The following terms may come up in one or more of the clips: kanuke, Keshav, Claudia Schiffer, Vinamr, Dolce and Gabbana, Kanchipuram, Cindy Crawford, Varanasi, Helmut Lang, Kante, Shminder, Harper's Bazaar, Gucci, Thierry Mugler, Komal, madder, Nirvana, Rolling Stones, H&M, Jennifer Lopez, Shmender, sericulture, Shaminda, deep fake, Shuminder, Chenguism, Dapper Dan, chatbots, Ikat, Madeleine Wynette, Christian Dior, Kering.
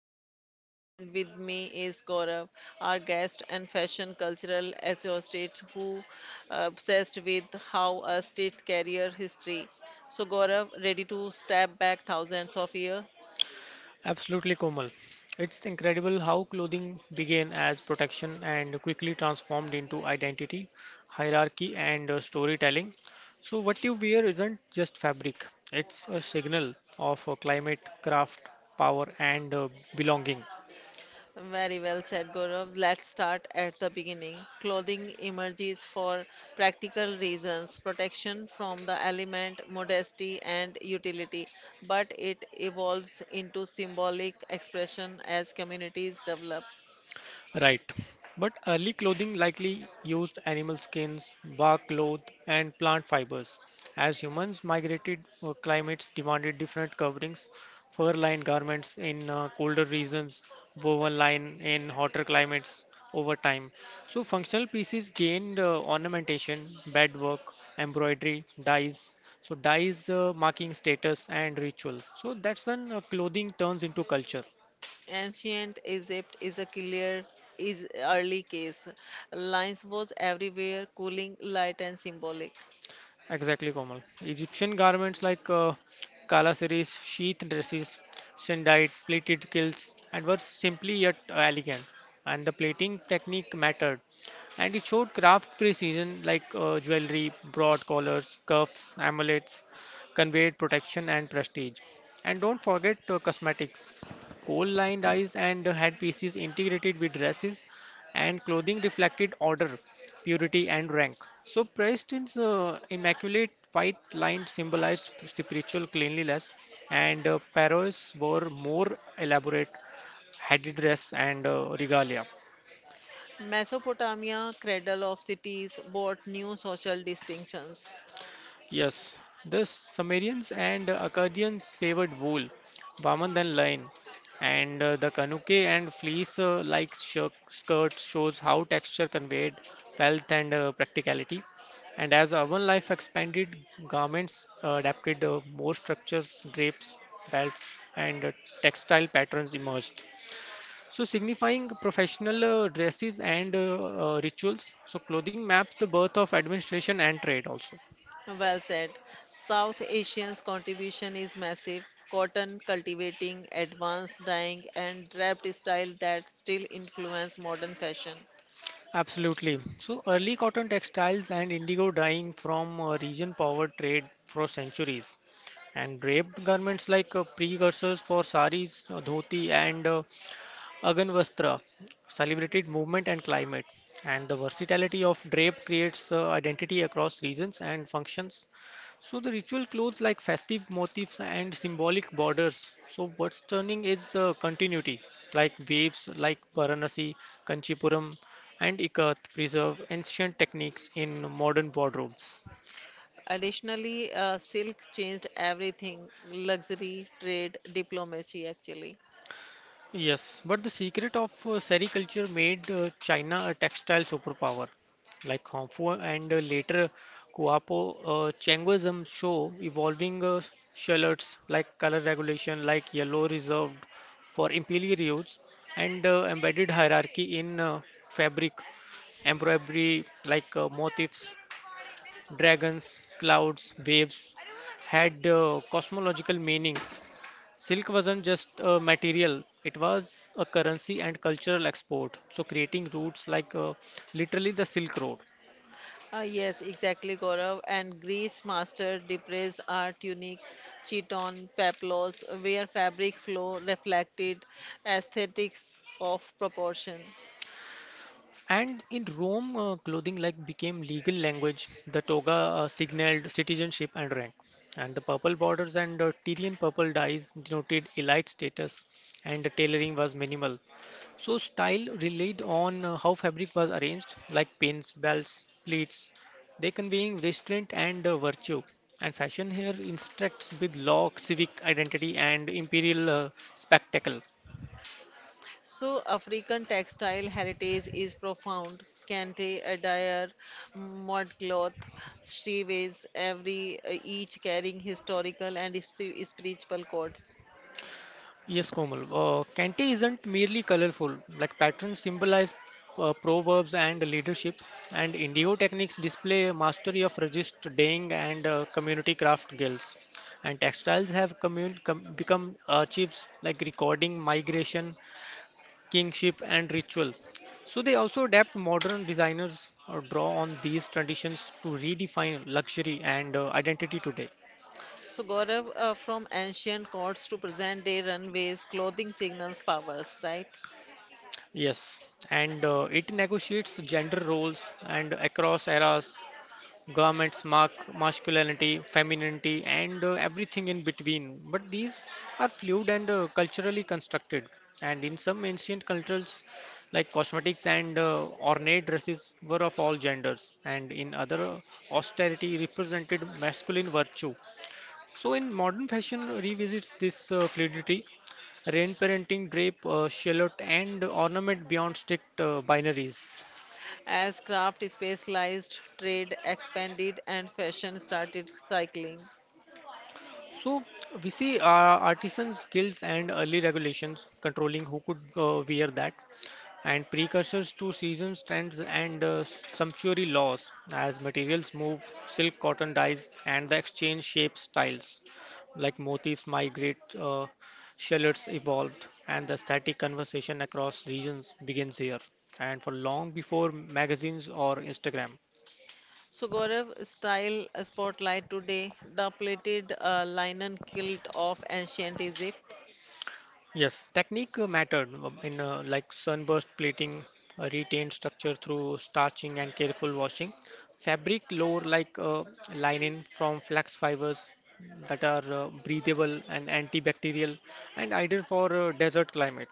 host Komal, and with me is Gaurav, our guest and fashion cultural associate who obsessed with how a stitch carrier history. So, Gaurav, ready to step back thousands of years? Absolutely, Komal. It's incredible how clothing began as protection and quickly transformed into identity, hierarchy, and storytelling. So, what you wear isn't just fabric, it's a signal of climate, craft, power, and belonging. Very well said, Gaurav. Let's start at the beginning. Clothing emerges for practical reasons, protection from the element, modesty, and utility, but it evolves into symbolic expression as communities develop. Right. But early clothing likely used animal skins, bark cloth, and plant fibers. As humans migrated, climates demanded different coverings. Fur lined garments in colder regions, woven line in hotter climates over time. So, functional pieces gained ornamentation, bedwork, embroidery, dyes. So, dyes marking status and ritual. So, that's when clothing turns into culture. Ancient Egypt is a clear is early case. Lines was everywhere, cooling, light, and symbolic. Exactly, Komal. Egyptian garments like kalasaris, sheath dresses, sandite, pleated kilts, and were simply yet elegant. And the plating technique mattered, and it showed craft precision like jewelry, broad collars, cuffs, amulets, conveyed protection and prestige. And don't forget cosmetics, coal-lined eyes and headpieces integrated with dresses, and clothing reflected order purity, and rank. So, Pristin's immaculate white line symbolized spiritual cleanliness, and Paris wore more elaborate headdress and regalia. Mesopotamia, cradle of cities, brought new social distinctions. Yes, the Sumerians and Akkadians favored wool, warmer than linen, and the kanuke and fleece-like skirts shows how texture conveyed wealth and practicality. And as urban life expanded, garments adapted more structures, drapes, belts, and textile patterns emerged. So, signifying professional dresses and rituals. So, clothing maps the birth of administration and trade also. Well said. South Asians' contribution is massive. Cotton cultivating, advanced dyeing, and draped style that still influence modern fashion. Absolutely. So early cotton textiles and indigo dyeing from region power trade for centuries. And draped garments like precursors for saris, dhoti, and Aganvastra celebrated movement and climate, and the versatility of drape creates identity across regions and functions. So the ritual clothes like festive motifs and symbolic borders. So what's turning is continuity, like waves like Varanasi, Kanchipuram, and Ikat preserve ancient techniques in modern wardrobes. Additionally, silk changed everything luxury, trade, diplomacy, actually. Yes, but the secret of sericulture made China a textile superpower. Like Hongfu and later Guapo, Chenguism show evolving shallots like color regulation, like yellow reserved for imperial use, and embedded hierarchy in fabric, embroidery like motifs, dragons, clouds, waves had cosmological meanings. Silk wasn't just a material, it was a currency and cultural export. So, creating routes like literally the Silk Road. Yes, exactly, Gaurav. And Greece mastered Depre's art unique chiton, paplos, where fabric flow reflected aesthetics of proportion. And in Rome, clothing like became legal language. The toga signaled citizenship and rank. And the purple borders and Tyrian purple dyes denoted elite status. And the tailoring was minimal. So style relied on how fabric was arranged, like pins, belts, pleats. They conveying restraint and virtue. And fashion here instructs with law, civic identity, and imperial spectacle. So, African textile heritage is profound. Kente, attire, modcloth, sheways, every each carrying historical and spiritual codes. Yes, Komal. Kante isn't merely colorful. Like patterns symbolize proverbs and leadership, and indigo techniques display mastery of resist dyeing and community craft guilds. And textiles have become archives like recording migration kingship, and ritual. So they also adapt modern designers or draw on these traditions to redefine luxury and identity today. So, Gaurav, from ancient courts to present day runways, clothing signals powers, right? Yes, and it negotiates gender roles and across eras. Garments mark masculinity, femininity, and everything in between. But these are fluid and culturally constructed. And in some ancient cultures, like cosmetics and ornate dresses were of all genders, and in other, austerity represented masculine virtue. So, in modern fashion, revisits this fluidity, rain parenting, drape, shallot, and ornament beyond strict binaries. As craft specialized, trade expanded, and fashion started cycling. So we see artisans' guilds and early regulations controlling who could wear that, and precursors to seasons, trends, and sumptuary laws as materials move, silk, cotton dyes, and the exchange shapes styles, like motifs migrate, shallots evolved, and the static conversation across regions begins here, and for long before magazines or Instagram. So, Gaurav, style spotlight today the plated linen kilt of ancient Egypt. Yes, technique mattered in like sunburst plating, retained structure through starching and careful washing. Fabric lore like linen from flax fibers that are breathable and antibacterial and ideal for desert climate.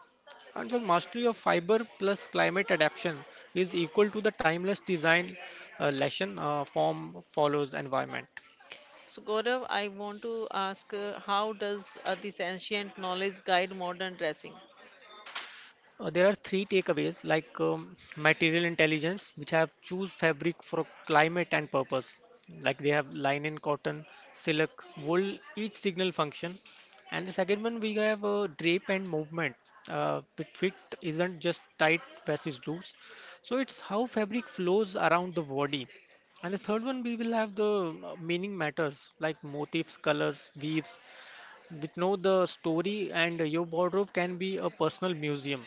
And the mastery of fiber plus climate adaptation is equal to the timeless design lesson form follows environment. So, Gaurav, I want to ask how does this ancient knowledge guide modern dressing? There are three takeaways like material intelligence, which have choose fabric for climate and purpose. Like they have linen, cotton, silk, wool, each signal function. And the second one, we have drape and movement. Fit isn't just tight versus loose. So it's how fabric flows around the body. And the third one, we will have the meaning matters like motifs, colors, weaves. With know the story, and your wardrobe can be a personal museum.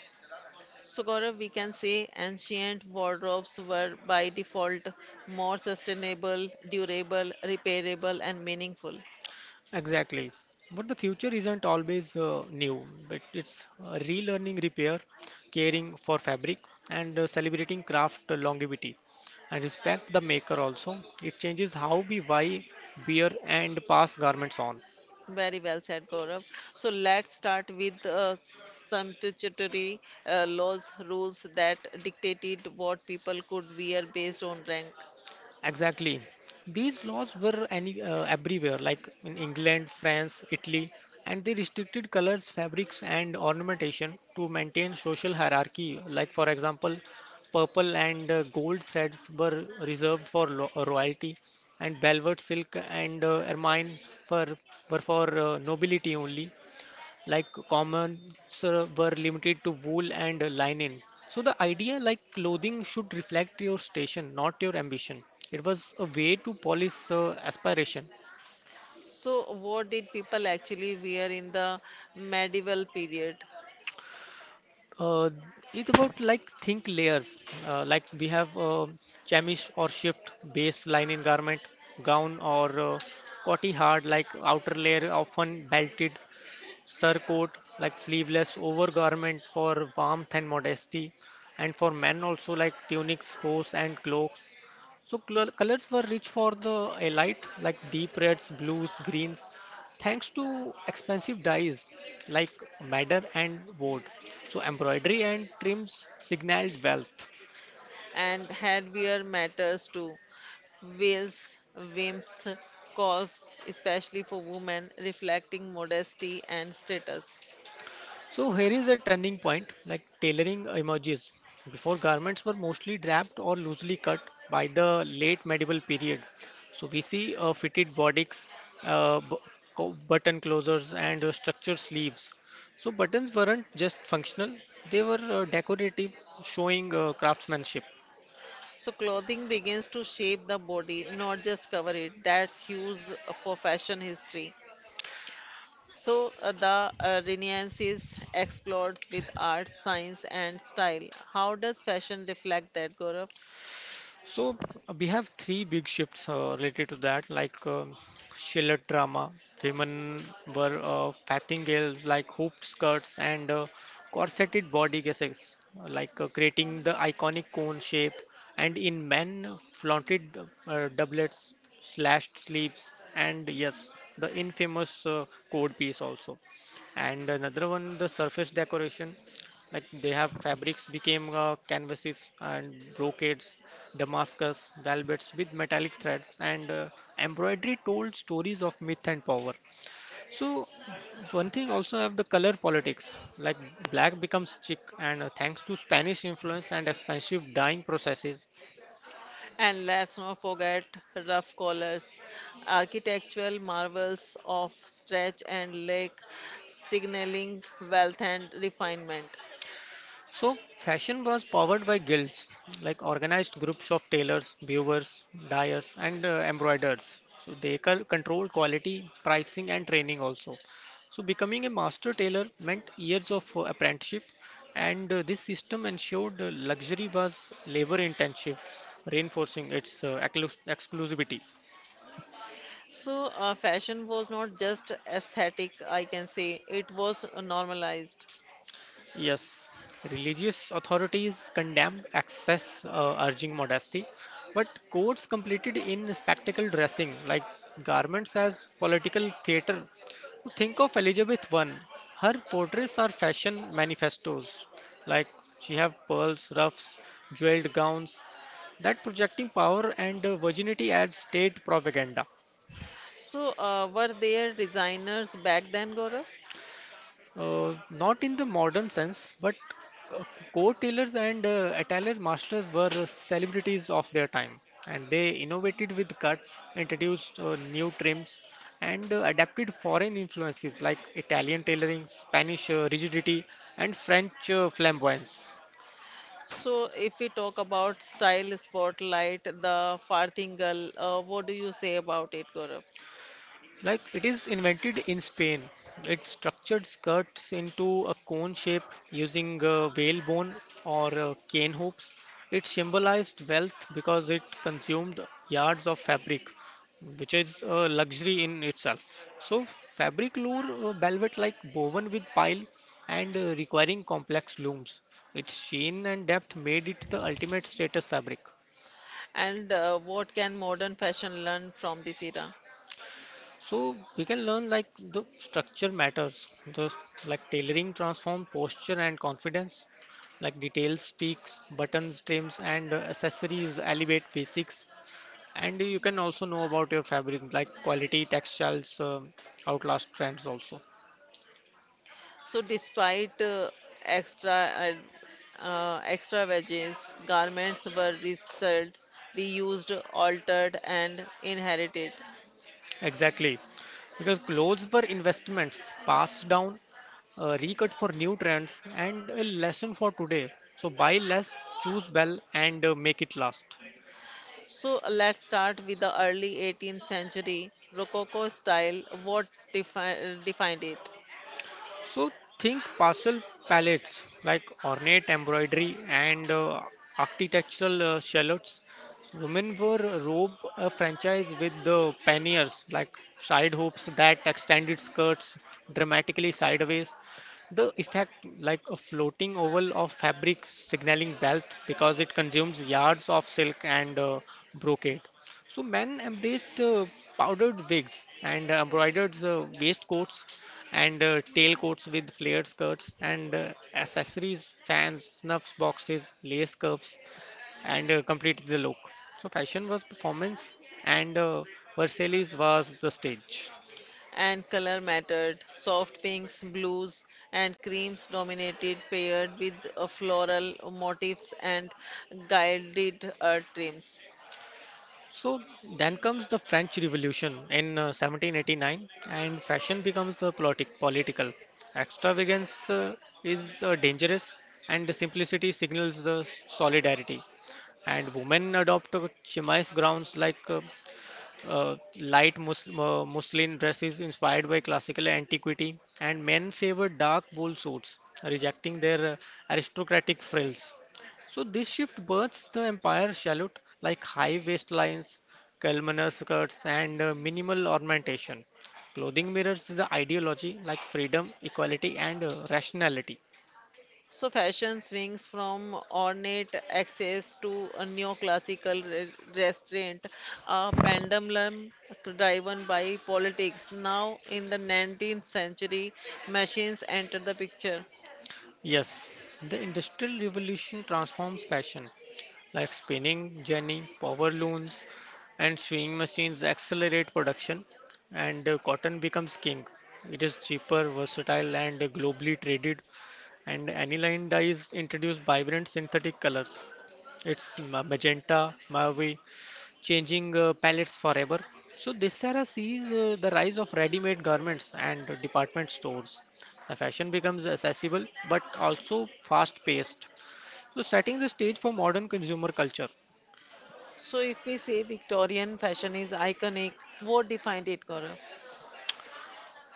So, Gaurav, we can say ancient wardrobes were by default more sustainable, durable, repairable, and meaningful. Exactly. But the future isn't always new, but it's relearning repair, caring for fabric, and celebrating craft longevity. And respect the maker also. It changes how we buy, wear, and pass garments on. Very well said, Gaurav. So, let's start with sumptuary laws, rules that dictated what people could wear based on rank. Exactly. These laws were any, everywhere, like in England, France, Italy, and they restricted colors, fabrics, and ornamentation to maintain social hierarchy. Like, for example, purple and gold threads were reserved for lo royalty, and velvet silk and ermine for, were for nobility only like commons were limited to wool and linen. So the idea like clothing should reflect your station, not your ambition. It was a way to polish aspiration. So, what did people actually wear in the medieval period? Uh, it's about like think layers. Like we have chemise or shift base linen garment, gown or cotty hard like outer layer often belted surcoat, like sleeveless overgarment for warmth and modesty, and for men also like tunics, hose, and cloaks. So colors were rich for the elite, like deep reds, blues, greens, thanks to expensive dyes like madder and wood. So embroidery and trims signaled wealth. And headwear matters too. Veils, wimps, cuffs, especially for women, reflecting modesty and status. So here is a turning point, like tailoring emerges. Before garments were mostly draped or loosely cut by the late medieval period. So we see fitted bodies, uh, bu- button closures, and structured sleeves. So buttons weren't just functional; they were decorative, showing craftsmanship. So, clothing begins to shape the body, not just cover it. That's huge for fashion history. So, the Renaissance is explored with art, science, and style. How does fashion reflect that, Gaurav? So we have three big shifts related to that, like Shiller drama. Women were farthingales like hoop skirts and corseted body guesses, like creating the iconic cone shape. And in men, flaunted doublets, slashed sleeves, and yes, the infamous code piece also. And another one, the surface decoration like they have fabrics became canvases and brocades Damascus velvets with metallic threads and embroidery told stories of myth and power. So one thing also have the color politics like black becomes chic and thanks to Spanish influence and expensive dyeing processes. And let's not forget rough collars, architectural marvels of stretch and lake, signaling wealth and refinement. So, fashion was powered by guilds, like organized groups of tailors, viewers, dyers, and embroiderers. So, they controlled quality, pricing, and training also. So, becoming a master tailor meant years of apprenticeship, and this system ensured luxury was labor intensive, reinforcing its exclusivity. So, fashion was not just aesthetic, I can say, it was normalized. Yes, religious authorities condemned excess, urging modesty, but courts completed in spectacle dressing, like garments as political theater. So think of Elizabeth I. Her portraits are fashion manifestos, like she have pearls, ruffs, jeweled gowns. That projecting power and virginity as state propaganda. So, were there designers back then, Gaurav? Not in the modern sense, but uh, coat tailors and attire masters were celebrities of their time, and they innovated with cuts, introduced new trims, and adapted foreign influences like Italian tailoring, Spanish rigidity, and French flamboyance. So, if we talk about style spotlight, the farthingal, what do you say about it, Gaurav? Like it is invented in Spain. It structured skirts into a cone shape using whalebone or cane hoops. It symbolized wealth because it consumed yards of fabric, which is a luxury in itself. So, fabric lure velvet like woven with pile and requiring complex looms. Its sheen and depth made it the ultimate status fabric. And what can modern fashion learn from this era? So we can learn like the structure matters, the like tailoring transform posture and confidence, like details speaks, buttons, trims, and accessories elevate basics. And you can also know about your fabric, like quality textiles, outlast trends also. So, despite extra extra wages, garments were results reused, altered, and inherited. Exactly, because clothes were investments passed down, recut for new trends, and a lesson for today. So buy less, choose well, and make it last. So, let's start with the early 18th century Rococo style. What defined it? So think parcel palettes like ornate embroidery and architectural shallots. Women were robe a franchise with the panniers like side hoops that extended skirts dramatically sideways. The effect like a floating oval of fabric signaling wealth because it consumes yards of silk and brocade. So men embraced powdered wigs and embroidered waistcoats and tailcoats with flared skirts and accessories, fans, snuff boxes, lace cuffs, and completed the look. So fashion was performance, and Versailles was the stage. And color mattered. Soft pinks, blues, and creams dominated, paired with floral motifs and gilded trims. So then comes the French Revolution in 1789, and fashion becomes the politic political. Extravagance is dangerous, and the simplicity signals the solidarity. And women adopt chemise gowns like uh, light muslin dresses inspired by classical antiquity, and men favor dark wool suits, rejecting their aristocratic frills. So this shift births the empire salute like high waistlines, voluminous skirts, and minimal ornamentation. Clothing mirrors the ideology like freedom, equality, and rationality. So fashion swings from ornate access to a restraint, a pendulum driven by politics. Now, in the 19th century, machines enter the picture. Yes, the Industrial Revolution transforms fashion, like spinning jenny, power looms, and sewing machines accelerate production, and cotton becomes king. It is cheaper, versatile, and globally traded, and aniline dyes introduce vibrant synthetic colors. It's magenta, mauve, changing palettes forever. So this era sees the rise of ready-made garments and department stores. The fashion becomes accessible but also fast-paced, so setting the stage for modern consumer culture. So, if we say Victorian fashion is iconic, what defined it, Gaurav?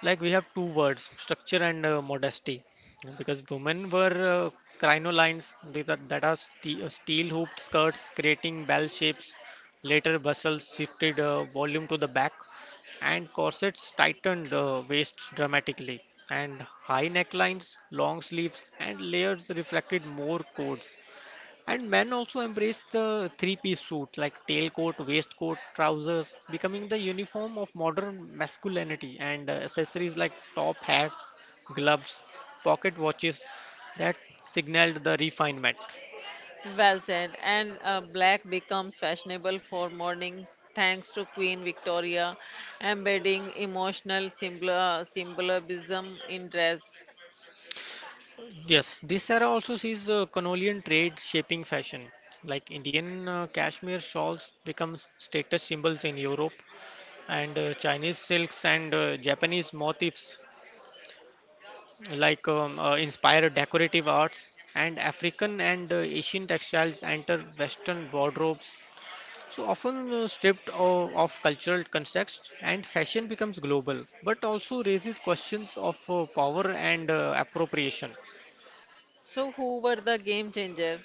Like we have two words, structure and modesty, because women were crinolines. These are that are steel hooped skirts creating bell shapes. Later bustles shifted volume to the back, and corsets tightened waists dramatically, and high necklines, long sleeves, and layers reflected more codes. And men also embraced the three-piece suit, like tailcoat, waistcoat, trousers, becoming the uniform of modern masculinity, and accessories like top hats, gloves, pocket watches that signaled the refinement. Well said. And black becomes fashionable for mourning thanks to Queen Victoria embedding symbolism in dress. Yes, this era also sees the Canolian trade shaping fashion. Like Indian cashmere shawls becomes status symbols in Europe, and Chinese silks and Japanese motifs like inspired decorative arts, and African and Asian textiles enter Western wardrobes, so often stripped of cultural context, and fashion becomes global, but also raises questions of power and appropriation. So, who were the game changer?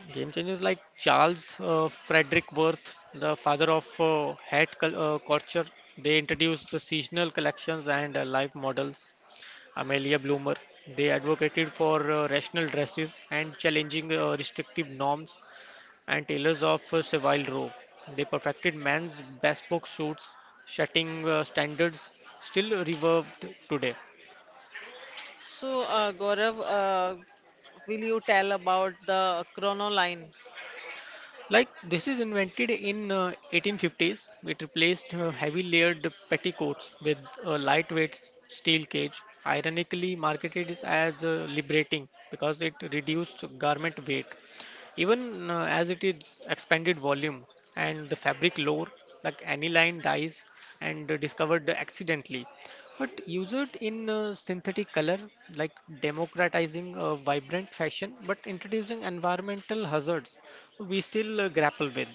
Game changers like Charles Frederick Worth, the father of hat culture, they introduced the seasonal collections and life models. Amelia Bloomer, they advocated for rational dresses and challenging restrictive norms, and tailors of Savile Row, they perfected men's bespoke suits, setting standards still revered today. So, Gaurav, will you tell about the chronoline? Like this is invented in 1850s. It replaced heavy layered petticoats with a lightweight steel cage. Ironically, marketed it as liberating because it reduced garment weight, even as it is expanded volume, and the fabric lore, like aniline dyes and discovered accidentally but use it in synthetic color, like democratizing vibrant fashion, but introducing environmental hazards we still grapple with.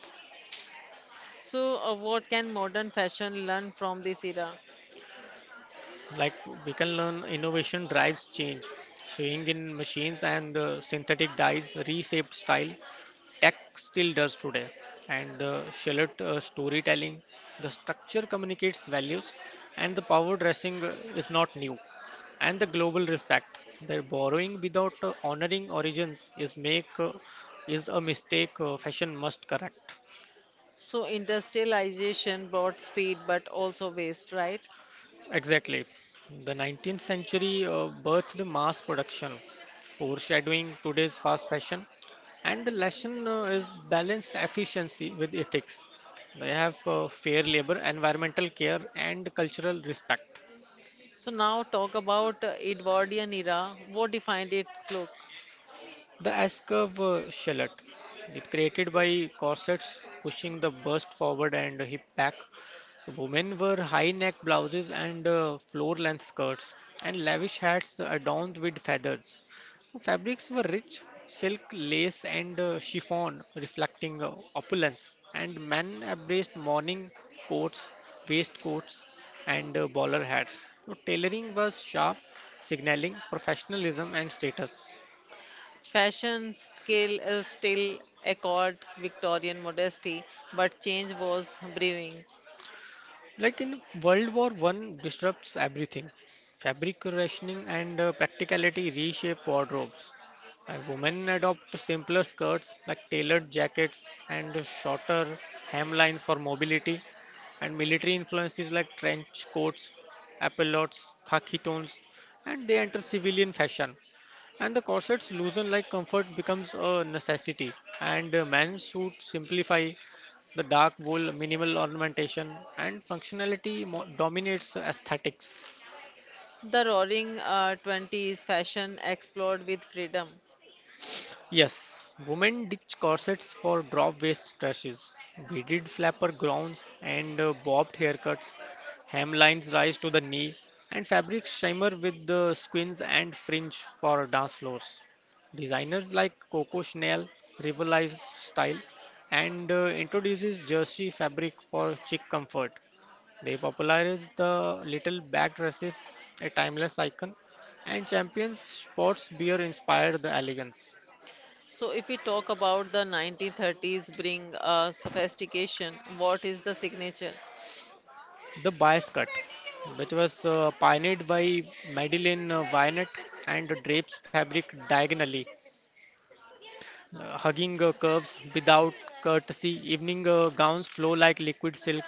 So, what can modern fashion learn from this era? Like we can learn innovation drives change, sewing in machines and synthetic dyes reshaped style, tech still does today, and shallot storytelling, the structure communicates values, and the power dressing is not new, and the global respect, their borrowing without honoring origins is make is a mistake fashion must correct. So, industrialization brought speed but also waste, right? Exactly. The 19th century birthed mass production, foreshadowing today's fast fashion, and the lesson is balance efficiency with ethics. They have fair labor, environmental care, and cultural respect. So, now talk about Edwardian era. What defined its look? The S curve shallot, it created by corsets pushing the bust forward and hip back. So women wore high-neck blouses and floor-length skirts, and lavish hats adorned with feathers. Fabrics were rich, silk, lace, and chiffon, reflecting opulence. And men embraced morning coats, waistcoats, and bowler hats. So tailoring was sharp, signaling professionalism and status. Fashion scale is still accord Victorian modesty, but change was brewing. Like in World War One disrupts everything. Fabric rationing and practicality reshape wardrobes. Women adopt simpler skirts like tailored jackets and shorter hemlines for mobility. And military influences like trench coats, epaulettes, khaki tones, and they enter civilian fashion. And the corset's loosen like comfort becomes a necessity, and man's suits simplify the dark wool, minimal ornamentation, and functionality dominates aesthetics. The roaring 20s fashion explored with freedom. Yes, women ditch corsets for drop waist trashes, beaded flapper gowns, and bobbed haircuts. Hemlines rise to the knee, and fabrics shimmer with the squins and fringe for dance floors. Designers like Coco Chanel revitalize style and introduces jersey fabric for chic comfort. They popularize the little back dresses, a timeless icon, and champions sports beer inspired the elegance. So, if we talk about the 1930s bring sophistication, what is the signature? The Bias Cut, which was pioneered by Madeleine Wynette and drapes fabric diagonally, hugging curves without courtesy. Evening gowns flow like liquid silk,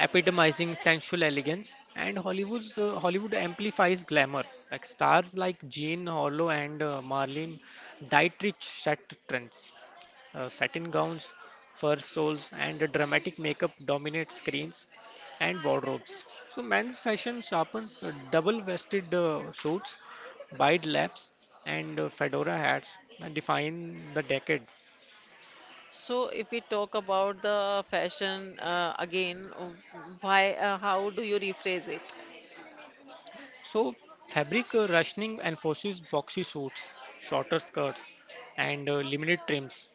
epitomizing sensual elegance. And Hollywood amplifies glamour, like stars like Jean Harlow and Marlene Dietrich set trends, satin gowns, fur stoles, and a dramatic makeup dominate screens and wardrobes. So men's fashion sharpens double vested suits, wide laps, and fedora hats and define the decade. So, if we talk about the fashion, how do you rephrase it? So fabric ruching enforces boxy suits, shorter skirts, and limited trims.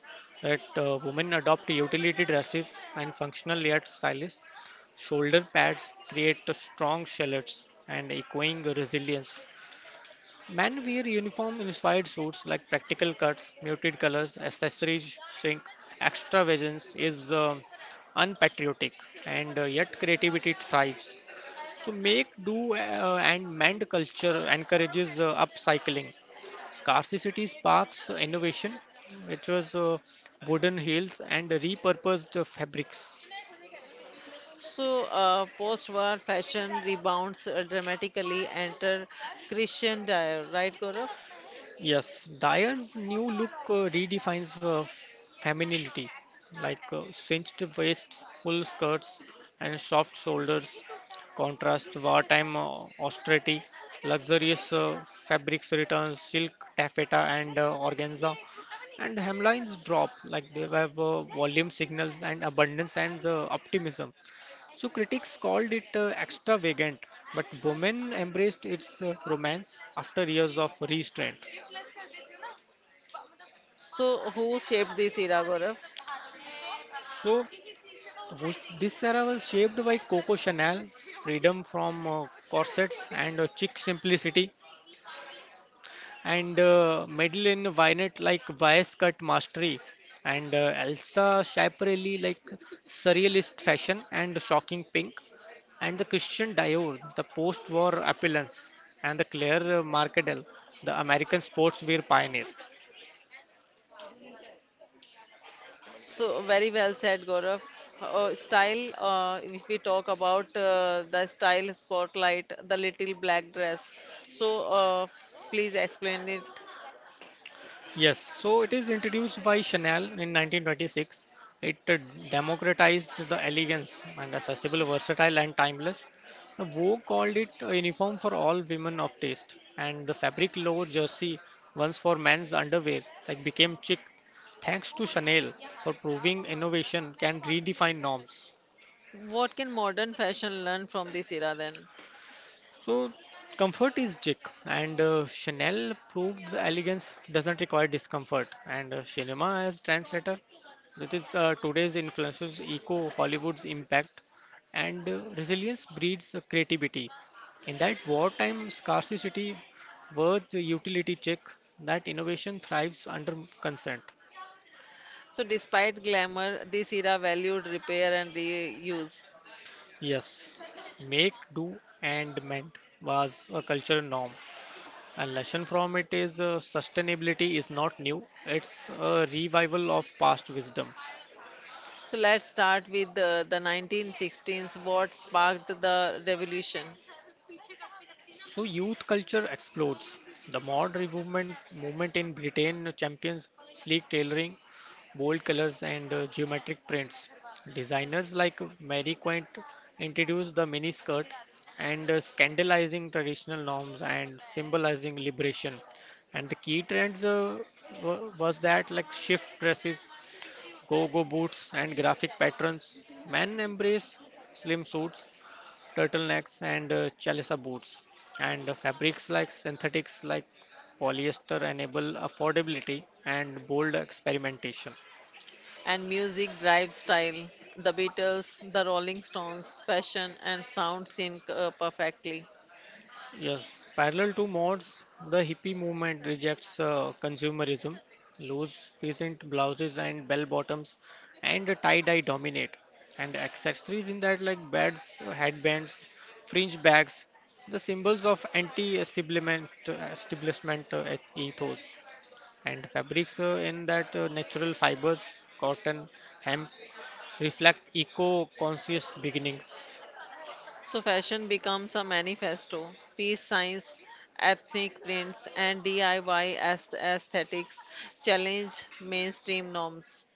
That women adopt utility dresses and functional layered styles. Shoulder pads create strong shallots and echoing resilience. Men wear uniform-inspired suits like practical cuts, muted colors, accessories shrink. Extravagance is unpatriotic, and yet creativity thrives. So make do and mend culture encourages upcycling. Scarcity sparks innovation, which was wooden heels and repurposed fabrics. So, post-war fashion rebounds dramatically enter Christian Dior, right, Gaurav? Yes, Dyer's new look redefines femininity, like cinched waists, full skirts, and soft shoulders. Contrast wartime austerity, luxurious fabrics returns, silk, taffeta, and organza, and hemlines drop. Like they have volume signals and abundance and optimism. So critics called it extravagant, but women embraced its romance after years of restraint. So, who shaped this era, Gaurav? So, this era was shaped by Coco Chanel, freedom from corsets and chic simplicity, and Madeleine Vinet like bias cut mastery, and Elsa Schiaparelli like surrealist fashion and shocking pink, and the Christian Dior, the post-war appearance, and the Claire Marcadel, the American sportswear pioneer. So very well said, Gaurav. If we talk about the style spotlight, the little black dress. So, please explain it. Yes, so it is introduced by Chanel in 1926. It democratized the elegance and accessible, versatile, and timeless. The Vogue called it a uniform for all women of taste, and the fabric lower jersey, once for men's underwear, like became chic, thanks to Chanel for proving innovation can redefine norms. What can modern fashion learn from this era then? So comfort is chic, and Chanel proved the elegance doesn't require discomfort. And cinema as trendsetter, that is today's influences echo Hollywood's impact, and resilience breeds creativity. In that wartime scarcity, worth utility check that innovation thrives under consent. So despite glamour, this era valued repair and reuse. Yes, make, do, and mend was a cultural norm. A lesson from it is sustainability is not new, it's a revival of past wisdom. So let's start with the 1916s, what sparked the revolution. So youth culture explodes. The movement in Britain champions sleek tailoring, bold colors, and geometric prints. Designers like Mary Quant introduced the mini skirt and scandalizing traditional norms and symbolizing liberation. And the key trends was that like shift dresses, go-go boots and graphic patterns. Men embrace slim suits, turtlenecks and chalisa boots. And fabrics like synthetics like polyester enable affordability and bold experimentation. And music drives style. The Beatles, the Rolling Stones, fashion and sound sync perfectly. Yes, parallel to mods, the hippie movement rejects consumerism. Loose peasant blouses and bell bottoms and tie-dye dominate. And accessories in that like beds, headbands, fringe bags, the symbols of anti-establishment ethos. And fabrics in that natural fibers, cotton, hemp, reflect eco-conscious beginnings. So, fashion becomes a manifesto, peace signs, ethnic prints, and DIY aesthetics challenge mainstream norms.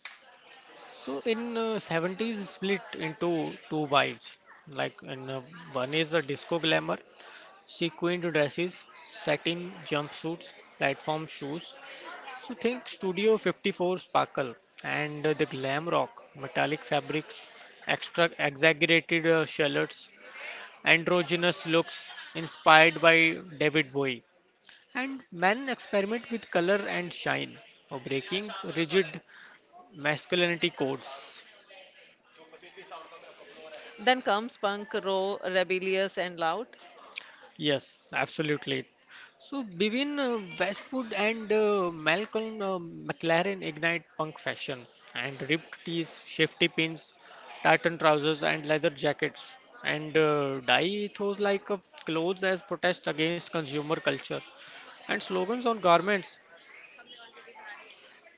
So in 70s split into two wives. Like in one is a disco glamour, she queen dresses, satin jumpsuits, platform shoes. So think Studio 54 sparkle and the glam rock, metallic fabrics, extra exaggerated shallots, androgynous looks inspired by David Bowie. And men experiment with color and shine, or breaking rigid masculinity codes. Then comes punk, raw, rebellious, and loud. Yes, absolutely. So Bivin Westwood and Malcolm McLaren ignite punk fashion and ripped tees, shifty pins, tartan trousers, and leather jackets, and dye ethos like clothes as protest against consumer culture, and slogans on garments,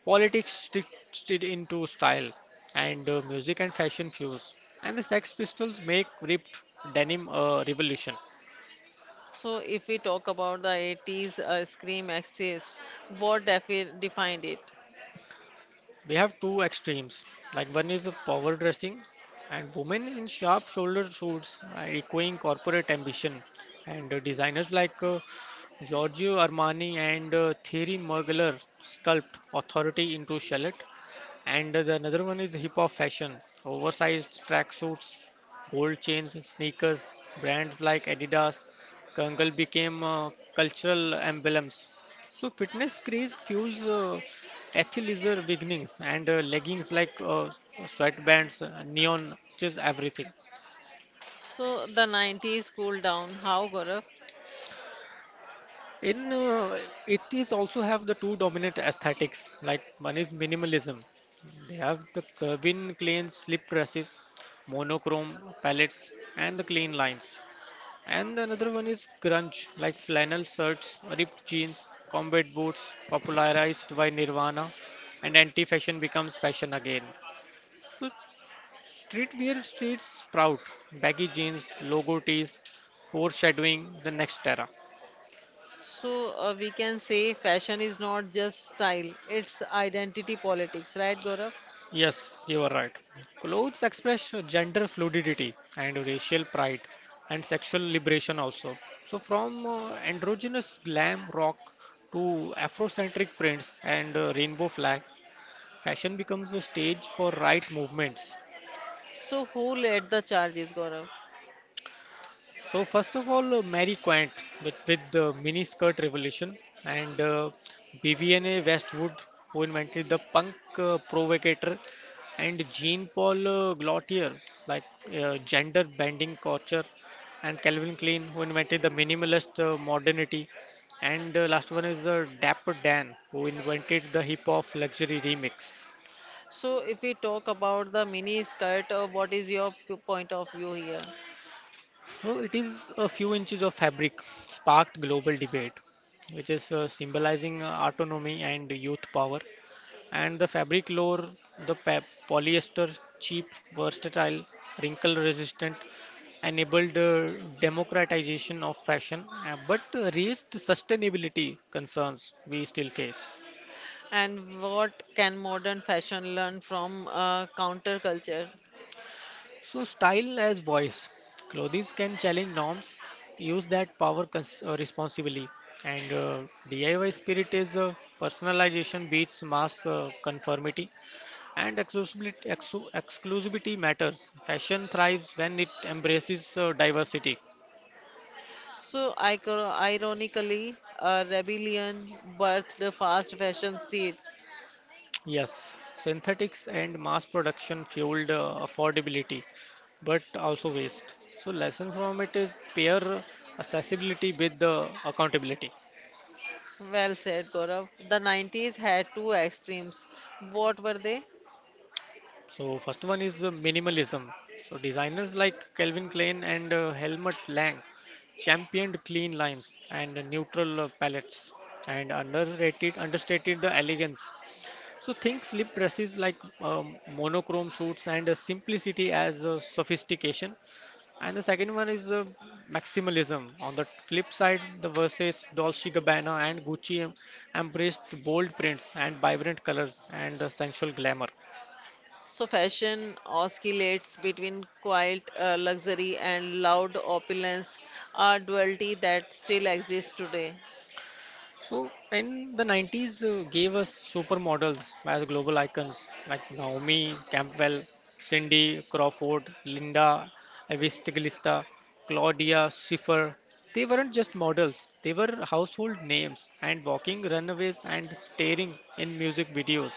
politics stitched into style, and music and fashion fuse, and the Sex Pistols make ripped denim a revolution. So, if we talk about the 80s Scream Axis, what defined it? We have two extremes. Like one is a power dressing and women in sharp shoulder suits are echoing corporate ambition. And designers like Giorgio Armani and Thierry Mugler sculpt authority into shallot. And the another one is hip hop fashion, oversized tracksuits, gold chains, sneakers, brands like Adidas, Kangal became cultural emblems. So fitness craze fuels athleisure beginnings and leggings like sweatbands, neon, just everything. So the 90s cooled down. How, Gaurav? In 80s also have the two dominant aesthetics. Like one is minimalism. They have the Kirby clean slip dresses, monochrome palettes, and the clean lines. And the another one is grunge, like flannel shirts, ripped jeans, combat boots, popularized by Nirvana, and anti-fashion becomes fashion again. So streetwear streets sprout, baggy jeans, logo tees, foreshadowing the next era. So, we can say fashion is not just style, it's identity politics, right, Gaurav? Yes, you are right. Clothes express gender fluidity and racial pride and sexual liberation also. So from androgynous glam rock to Afrocentric prints and rainbow flags, fashion becomes a stage for right movements. So who led the charges, Gaurav? So first of all, Mary Quant with the mini skirt revolution and BVNA Westwood who invented the punk provocator and Jean Paul Gaultier like gender bending culture and Calvin Klein who invented the minimalist modernity and last one is Dapper Dan who invented the hip hop luxury remix. So if we talk about the mini skirt, what is your point of view here? So it is a few inches of fabric sparked global debate, which is symbolizing autonomy and youth power. And the fabric lore, polyester, cheap, versatile, wrinkle resistant, enabled democratization of fashion, but raised sustainability concerns we still face. And what can modern fashion learn from counterculture? So, style as voice. Clothes can challenge norms, use that power responsibly. And DIY spirit is personalization beats mass conformity. And exclusivity, exclusivity matters. Fashion thrives when it embraces diversity. So ironically, rebellion birthed the fast fashion seeds. Yes, synthetics and mass production fueled affordability, but also waste. So, lesson from it is pair accessibility with the accountability. Well said, Gaurav. The 90s had two extremes. What were they? So first one is minimalism. So designers like Calvin Klein and Helmut Lang championed clean lines and neutral palettes and underrated understated the elegance. So think slip dresses like monochrome suits and simplicity as sophistication. And the second one is maximalism. On the flip side, the verses Dolce and Gabbana and Gucci embraced bold prints and vibrant colors and sensual glamour. So fashion oscillates between quiet luxury and loud opulence, a duality that still exists today. So, in the 90s, gave us supermodels as global icons like Naomi Campbell, Cindy Crawford, Linda Evangelista, Claudia Schiffer. They weren't just models, they were household names and walking runaways and starring in music videos.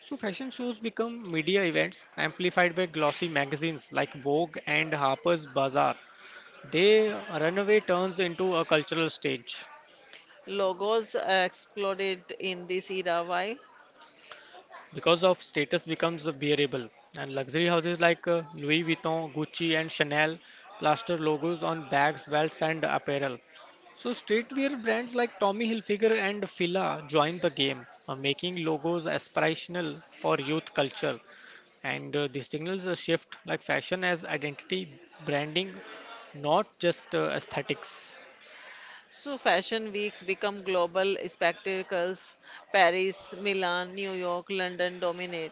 So, fashion shows become media events amplified by glossy magazines like Vogue and Harper's Bazaar. They runway turns into a cultural stage. Logos exploded in this era. Why? Because of status becomes bearable and luxury houses like Louis Vuitton, Gucci, and Chanel plaster logos on bags, belts, and apparel. So streetwear brands like Tommy Hilfiger and Fila join the game, making logos aspirational for youth culture, and this signals a shift like fashion as identity branding, not just aesthetics. So fashion weeks become global spectacles. Paris, Milan, New York, London dominate.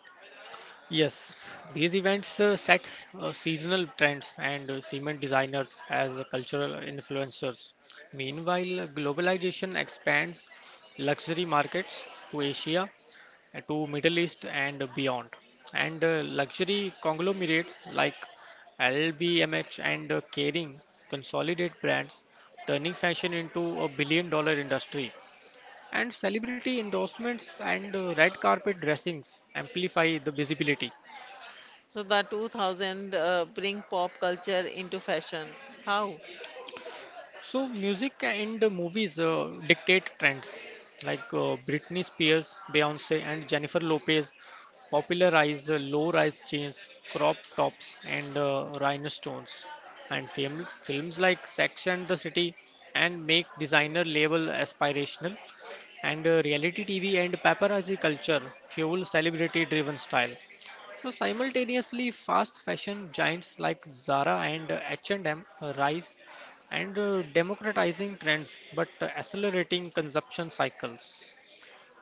Yes, these events set seasonal trends and cement designers as cultural influencers. Meanwhile, globalization expands luxury markets to Asia, to Middle East and beyond. And luxury conglomerates like LVMH and Kering consolidate brands, turning fashion into a billion-dollar industry. And celebrity endorsements and red carpet dressings amplify the visibility. So the 2000 bring pop culture into fashion. How? So music and movies dictate trends like Britney Spears, Beyonce, and Jennifer Lopez popularize low-rise jeans, crop tops, and rhinestones, and films like Sex and the City and make designer label aspirational, and reality TV and paparazzi culture fuel celebrity driven style. So simultaneously, fast fashion giants like Zara and H&M rise, and democratizing trends but accelerating consumption cycles.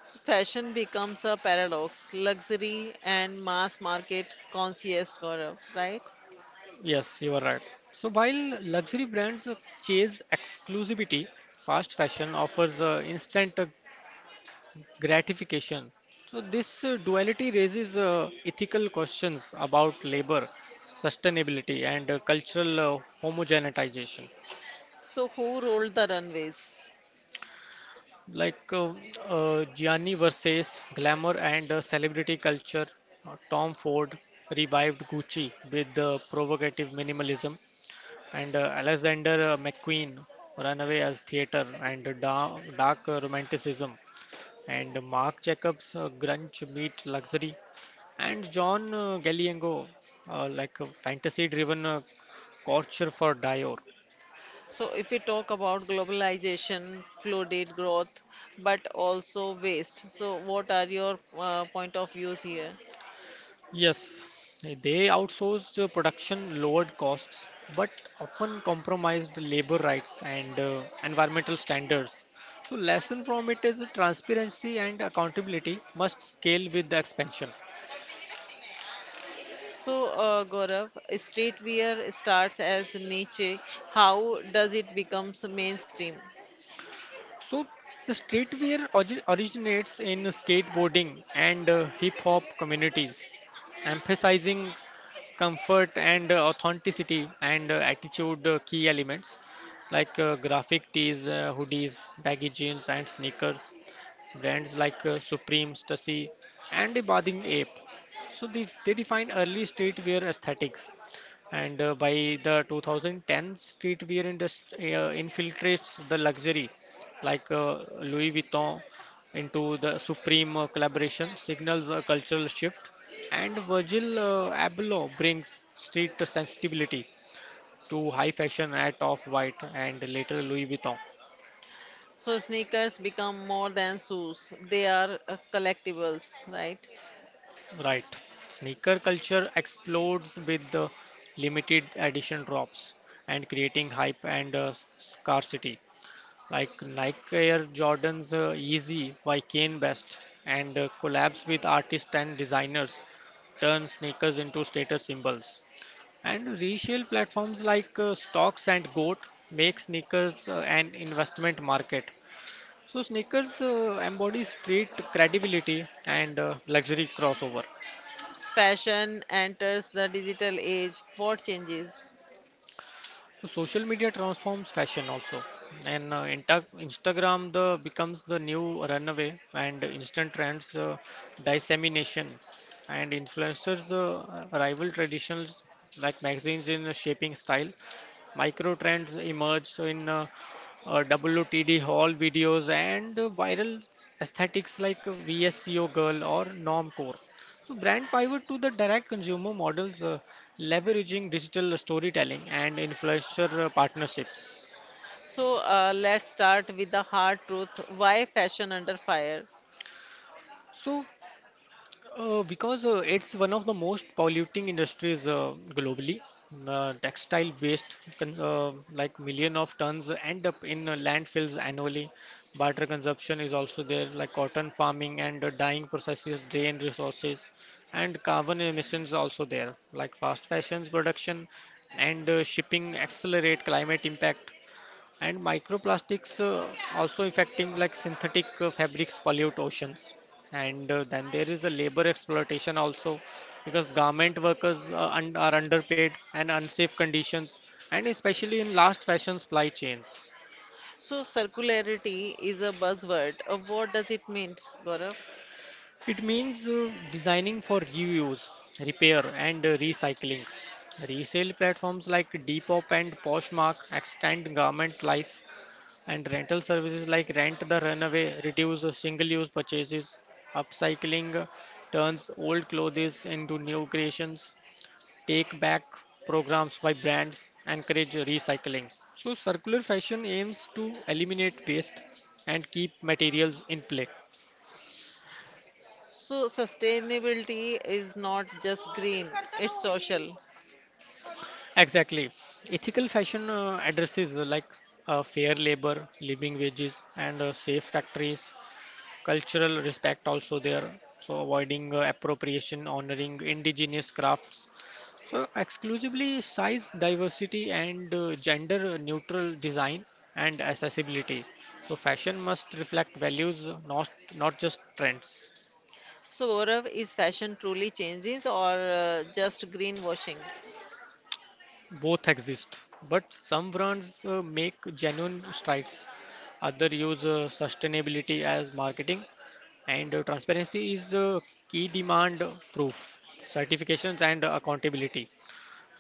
So fashion becomes a paradox, luxury and mass market conscious, Gaurav, right? Yes, you are right. So while luxury brands chase exclusivity, fast fashion offers instant gratification. So this duality raises ethical questions about labor, sustainability, and cultural homogenization. So, who rolled the runways? Like Gianni versus glamour and celebrity culture, Tom Ford revived Gucci with the provocative minimalism, and Alexander McQueen ran away as theater and da- dark romanticism, and Marc Jacobs grunge meet luxury, and John Galliano, like a fantasy-driven culture for Dior. So, if we talk about globalization, flooded growth, but also waste, so what are your point of views here? Yes, they outsourced production, lowered costs, but often compromised labor rights and environmental standards. So, lesson from it is that transparency and accountability must scale with the expansion. So, Gaurav, streetwear starts as niche. How does it becomes mainstream? So, the streetwear originates in skateboarding and hip hop communities, emphasizing comfort and authenticity and attitude key elements like graphic tees, hoodies, baggy jeans, and sneakers. Brands like Supreme, Stussy, and the Bathing Ape. So they define early streetwear aesthetics. And by the 2010, streetwear industry infiltrates the luxury, like Louis Vuitton into the Supreme collaboration, signals a cultural shift. And Virgil Abloh brings street sensibility to high fashion at Off-White and later Louis Vuitton. So, sneakers become more than shoes; they are collectibles, right? Right. Sneaker culture explodes with the limited edition drops and creating hype and scarcity. Like Nike Air Jordan's Easy by Kane West and collabs with artists and designers turn sneakers into status symbols. And resale platforms like Stocks and Goat make sneakers an investment market. So sneakers embody street credibility and luxury crossover. Fashion enters the digital age. What changes? So social media transforms fashion also, and Inta Instagram the becomes the new runaway and instant trends dissemination, and influencers rival traditions like magazines in shaping style. Micro trends emerge in uh, WOTD haul videos and viral aesthetics like VSCO girl or normcore. So brand pivot to the direct consumer models, leveraging digital storytelling and influencer partnerships. So, let's start with the hard truth. Why fashion under fire? So, because it's one of the most polluting industries globally, textile waste like million of tons end up in landfills annually. Barter consumption is also there, like cotton farming and dyeing processes drain resources, and carbon emissions also there, like fast fashions production and shipping accelerate climate impact. And microplastics also affecting like synthetic fabrics pollute oceans. And then there is a labor exploitation also because garment workers un are underpaid and unsafe conditions, and especially in last fashion supply chains. So circularity is a buzzword. What does it mean, Gaurav? It means designing for reuse, repair, and recycling. Resale platforms like Depop and Poshmark extend garment life. And rental services like rent the runaway, reduce the single-use purchases, upcycling turns old clothes into new creations, take back programs by brands, encourage recycling. So circular fashion aims to eliminate waste and keep materials in play. So sustainability is not just green, it's social. Exactly. Ethical fashion addresses like fair labor, living wages, and safe factories, cultural respect also there, so avoiding appropriation, honoring indigenous crafts, so exclusively size diversity and gender neutral design and accessibility. So fashion must reflect values, not not just trends. So Gaurav, is fashion truly changes or just greenwashing? Both exist, but some brands make genuine strides, other use sustainability as marketing, and transparency is key demand, proof, certifications, and accountability.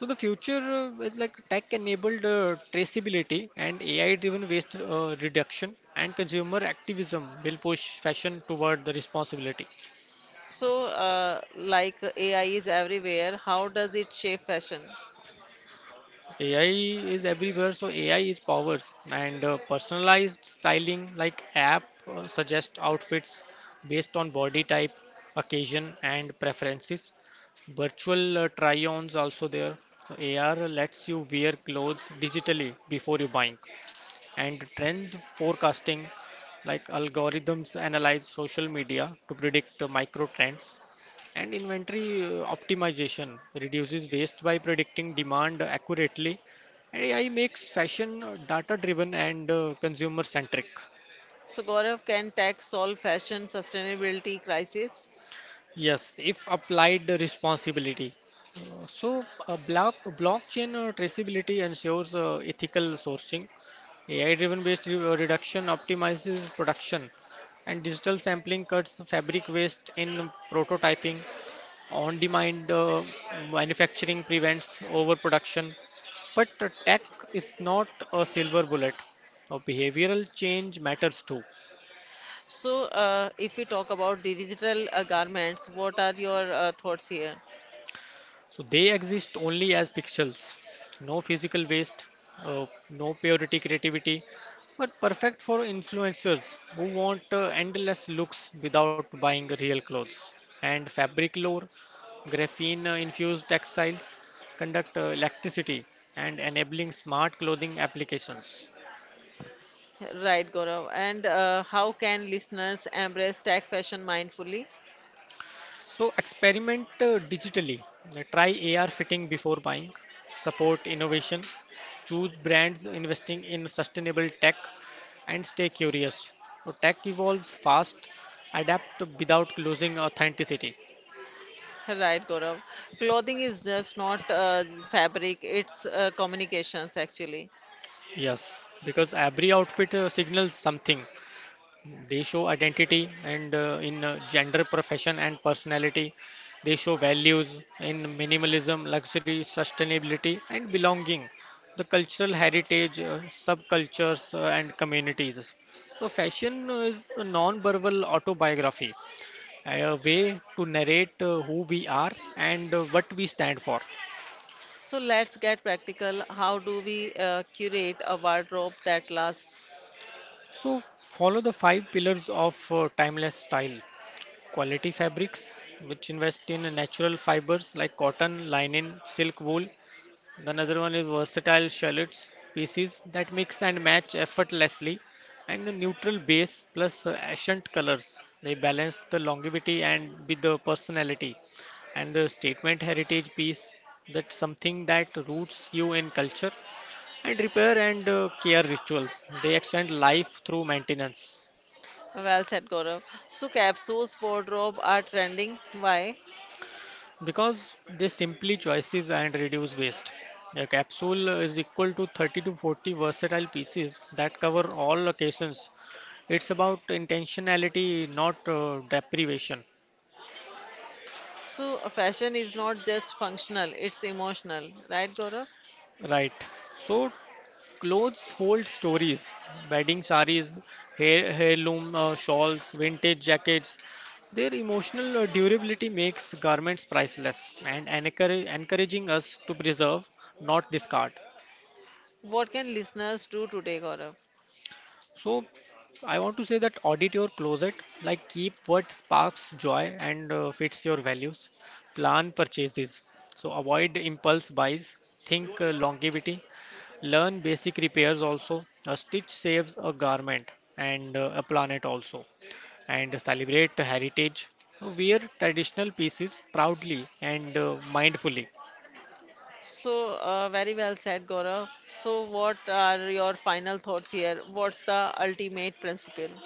So the future is like tech-enabled traceability and AI-driven waste reduction and consumer activism will push fashion toward the responsibility. So, like AI is everywhere, how does it shape fashion? AI is everywhere, so AI is powers and personalized styling like app suggest outfits based on body type, occasion, and preferences. Virtual try-ons also there. So AR lets you wear clothes digitally before you buying. And trend forecasting like algorithms analyze social media to predict micro trends and inventory optimization reduces waste by predicting demand accurately and AI makes fashion data driven and consumer centric. So Gaurav, can tech solve fashion sustainability crisis? Yes, if applied responsibility. So blockchain traceability ensures ethical sourcing. AI-driven waste reduction optimizes production, and digital sampling cuts fabric waste in prototyping. On-demand manufacturing prevents overproduction. But tech is not a silver bullet. Behavioral change matters too. So, if we talk about the digital garments, what are your thoughts here? So they exist only as pixels, no physical waste, no purity creativity, but perfect for influencers who want endless looks without buying real clothes. And fabric lore, graphene infused textiles conduct electricity and enabling smart clothing applications. Right, Gaurav. And how can listeners embrace tech fashion mindfully? So experiment digitally. Try AR fitting before buying. Support innovation. Choose brands investing in sustainable tech and stay curious. So tech evolves fast. Adapt without losing authenticity. Right, Gaurav. Clothing is just not fabric, it's communications actually. Yes, because every outfit signals something. They show identity and in gender, profession, and personality. They show values in minimalism, luxury, sustainability, and belonging. The cultural heritage, subcultures, and communities. So, fashion is a non-verbal autobiography, a way to narrate who we are and what we stand for. So, let's get practical. How do we curate a wardrobe that lasts? So, follow the five pillars of timeless style. Quality fabrics, which invest in natural fibers like cotton, linen, silk, wool. Another one is versatile shallots, pieces that mix and match effortlessly, and a neutral base plus accent colors. They balance the longevity and with the personality. And the statement heritage piece, that's something that roots you in culture and repair and care rituals. They extend life through maintenance. Well said, Gaurav. So, capsules wardrobe are trending. Why? Because they simply choices and reduce waste. A capsule is equal to 30 to 40 versatile pieces that cover all occasions. It's about intentionality, not deprivation. So, a fashion is not just functional, it's emotional, right, Gaurav? Right. So clothes hold stories. Wedding saris, heirloom shawls, vintage jackets. Their emotional durability makes garments priceless and encouraging us to preserve, not discard. What can listeners do today, Gaurav? So I want to say that audit your closet, like keep what sparks joy and fits your values. Plan purchases. So avoid impulse buys. Think longevity. Learn basic repairs also. A stitch saves a garment and a planet also. And celebrate heritage. Wear traditional pieces proudly and mindfully. So, very well said, Gaurav. So, what are your final thoughts here? What's the ultimate principle?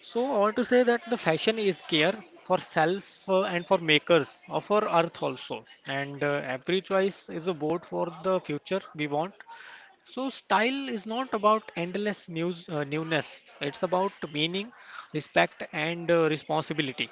So I want to say that the fashion is care for self and for makers of our earth also. And every choice is a vote for the future we want. So style is not about endless newness. It's about meaning, respect, and responsibility.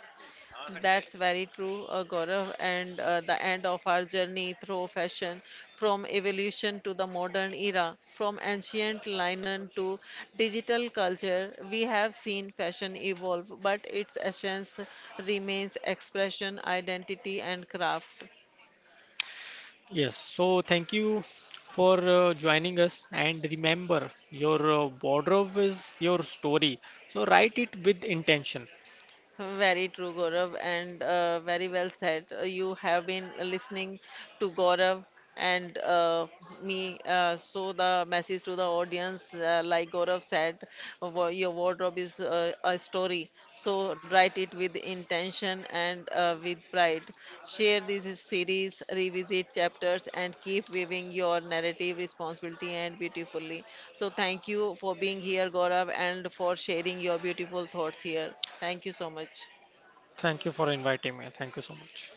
That's very true, Gaurav. And the end of our journey through fashion, from evolution to the modern era, from ancient linen to digital culture, we have seen fashion evolve, but its essence remains expression, identity, and craft. Yes. So thank you for joining us. And remember, your wardrobe is your story. So write it with intention. Very true, Gaurav, and very well said. You have been listening to Gaurav and me. So the message to the audience, like Gaurav said, your wardrobe is a story. So write it at it with intention and with pride. Share this series, revisit chapters, and keep weaving your narrative responsibly and beautifully. So, thank you for being here, Gaurav, and for sharing your beautiful thoughts here. Thank you so much. Thank you for inviting me. Thank you so much.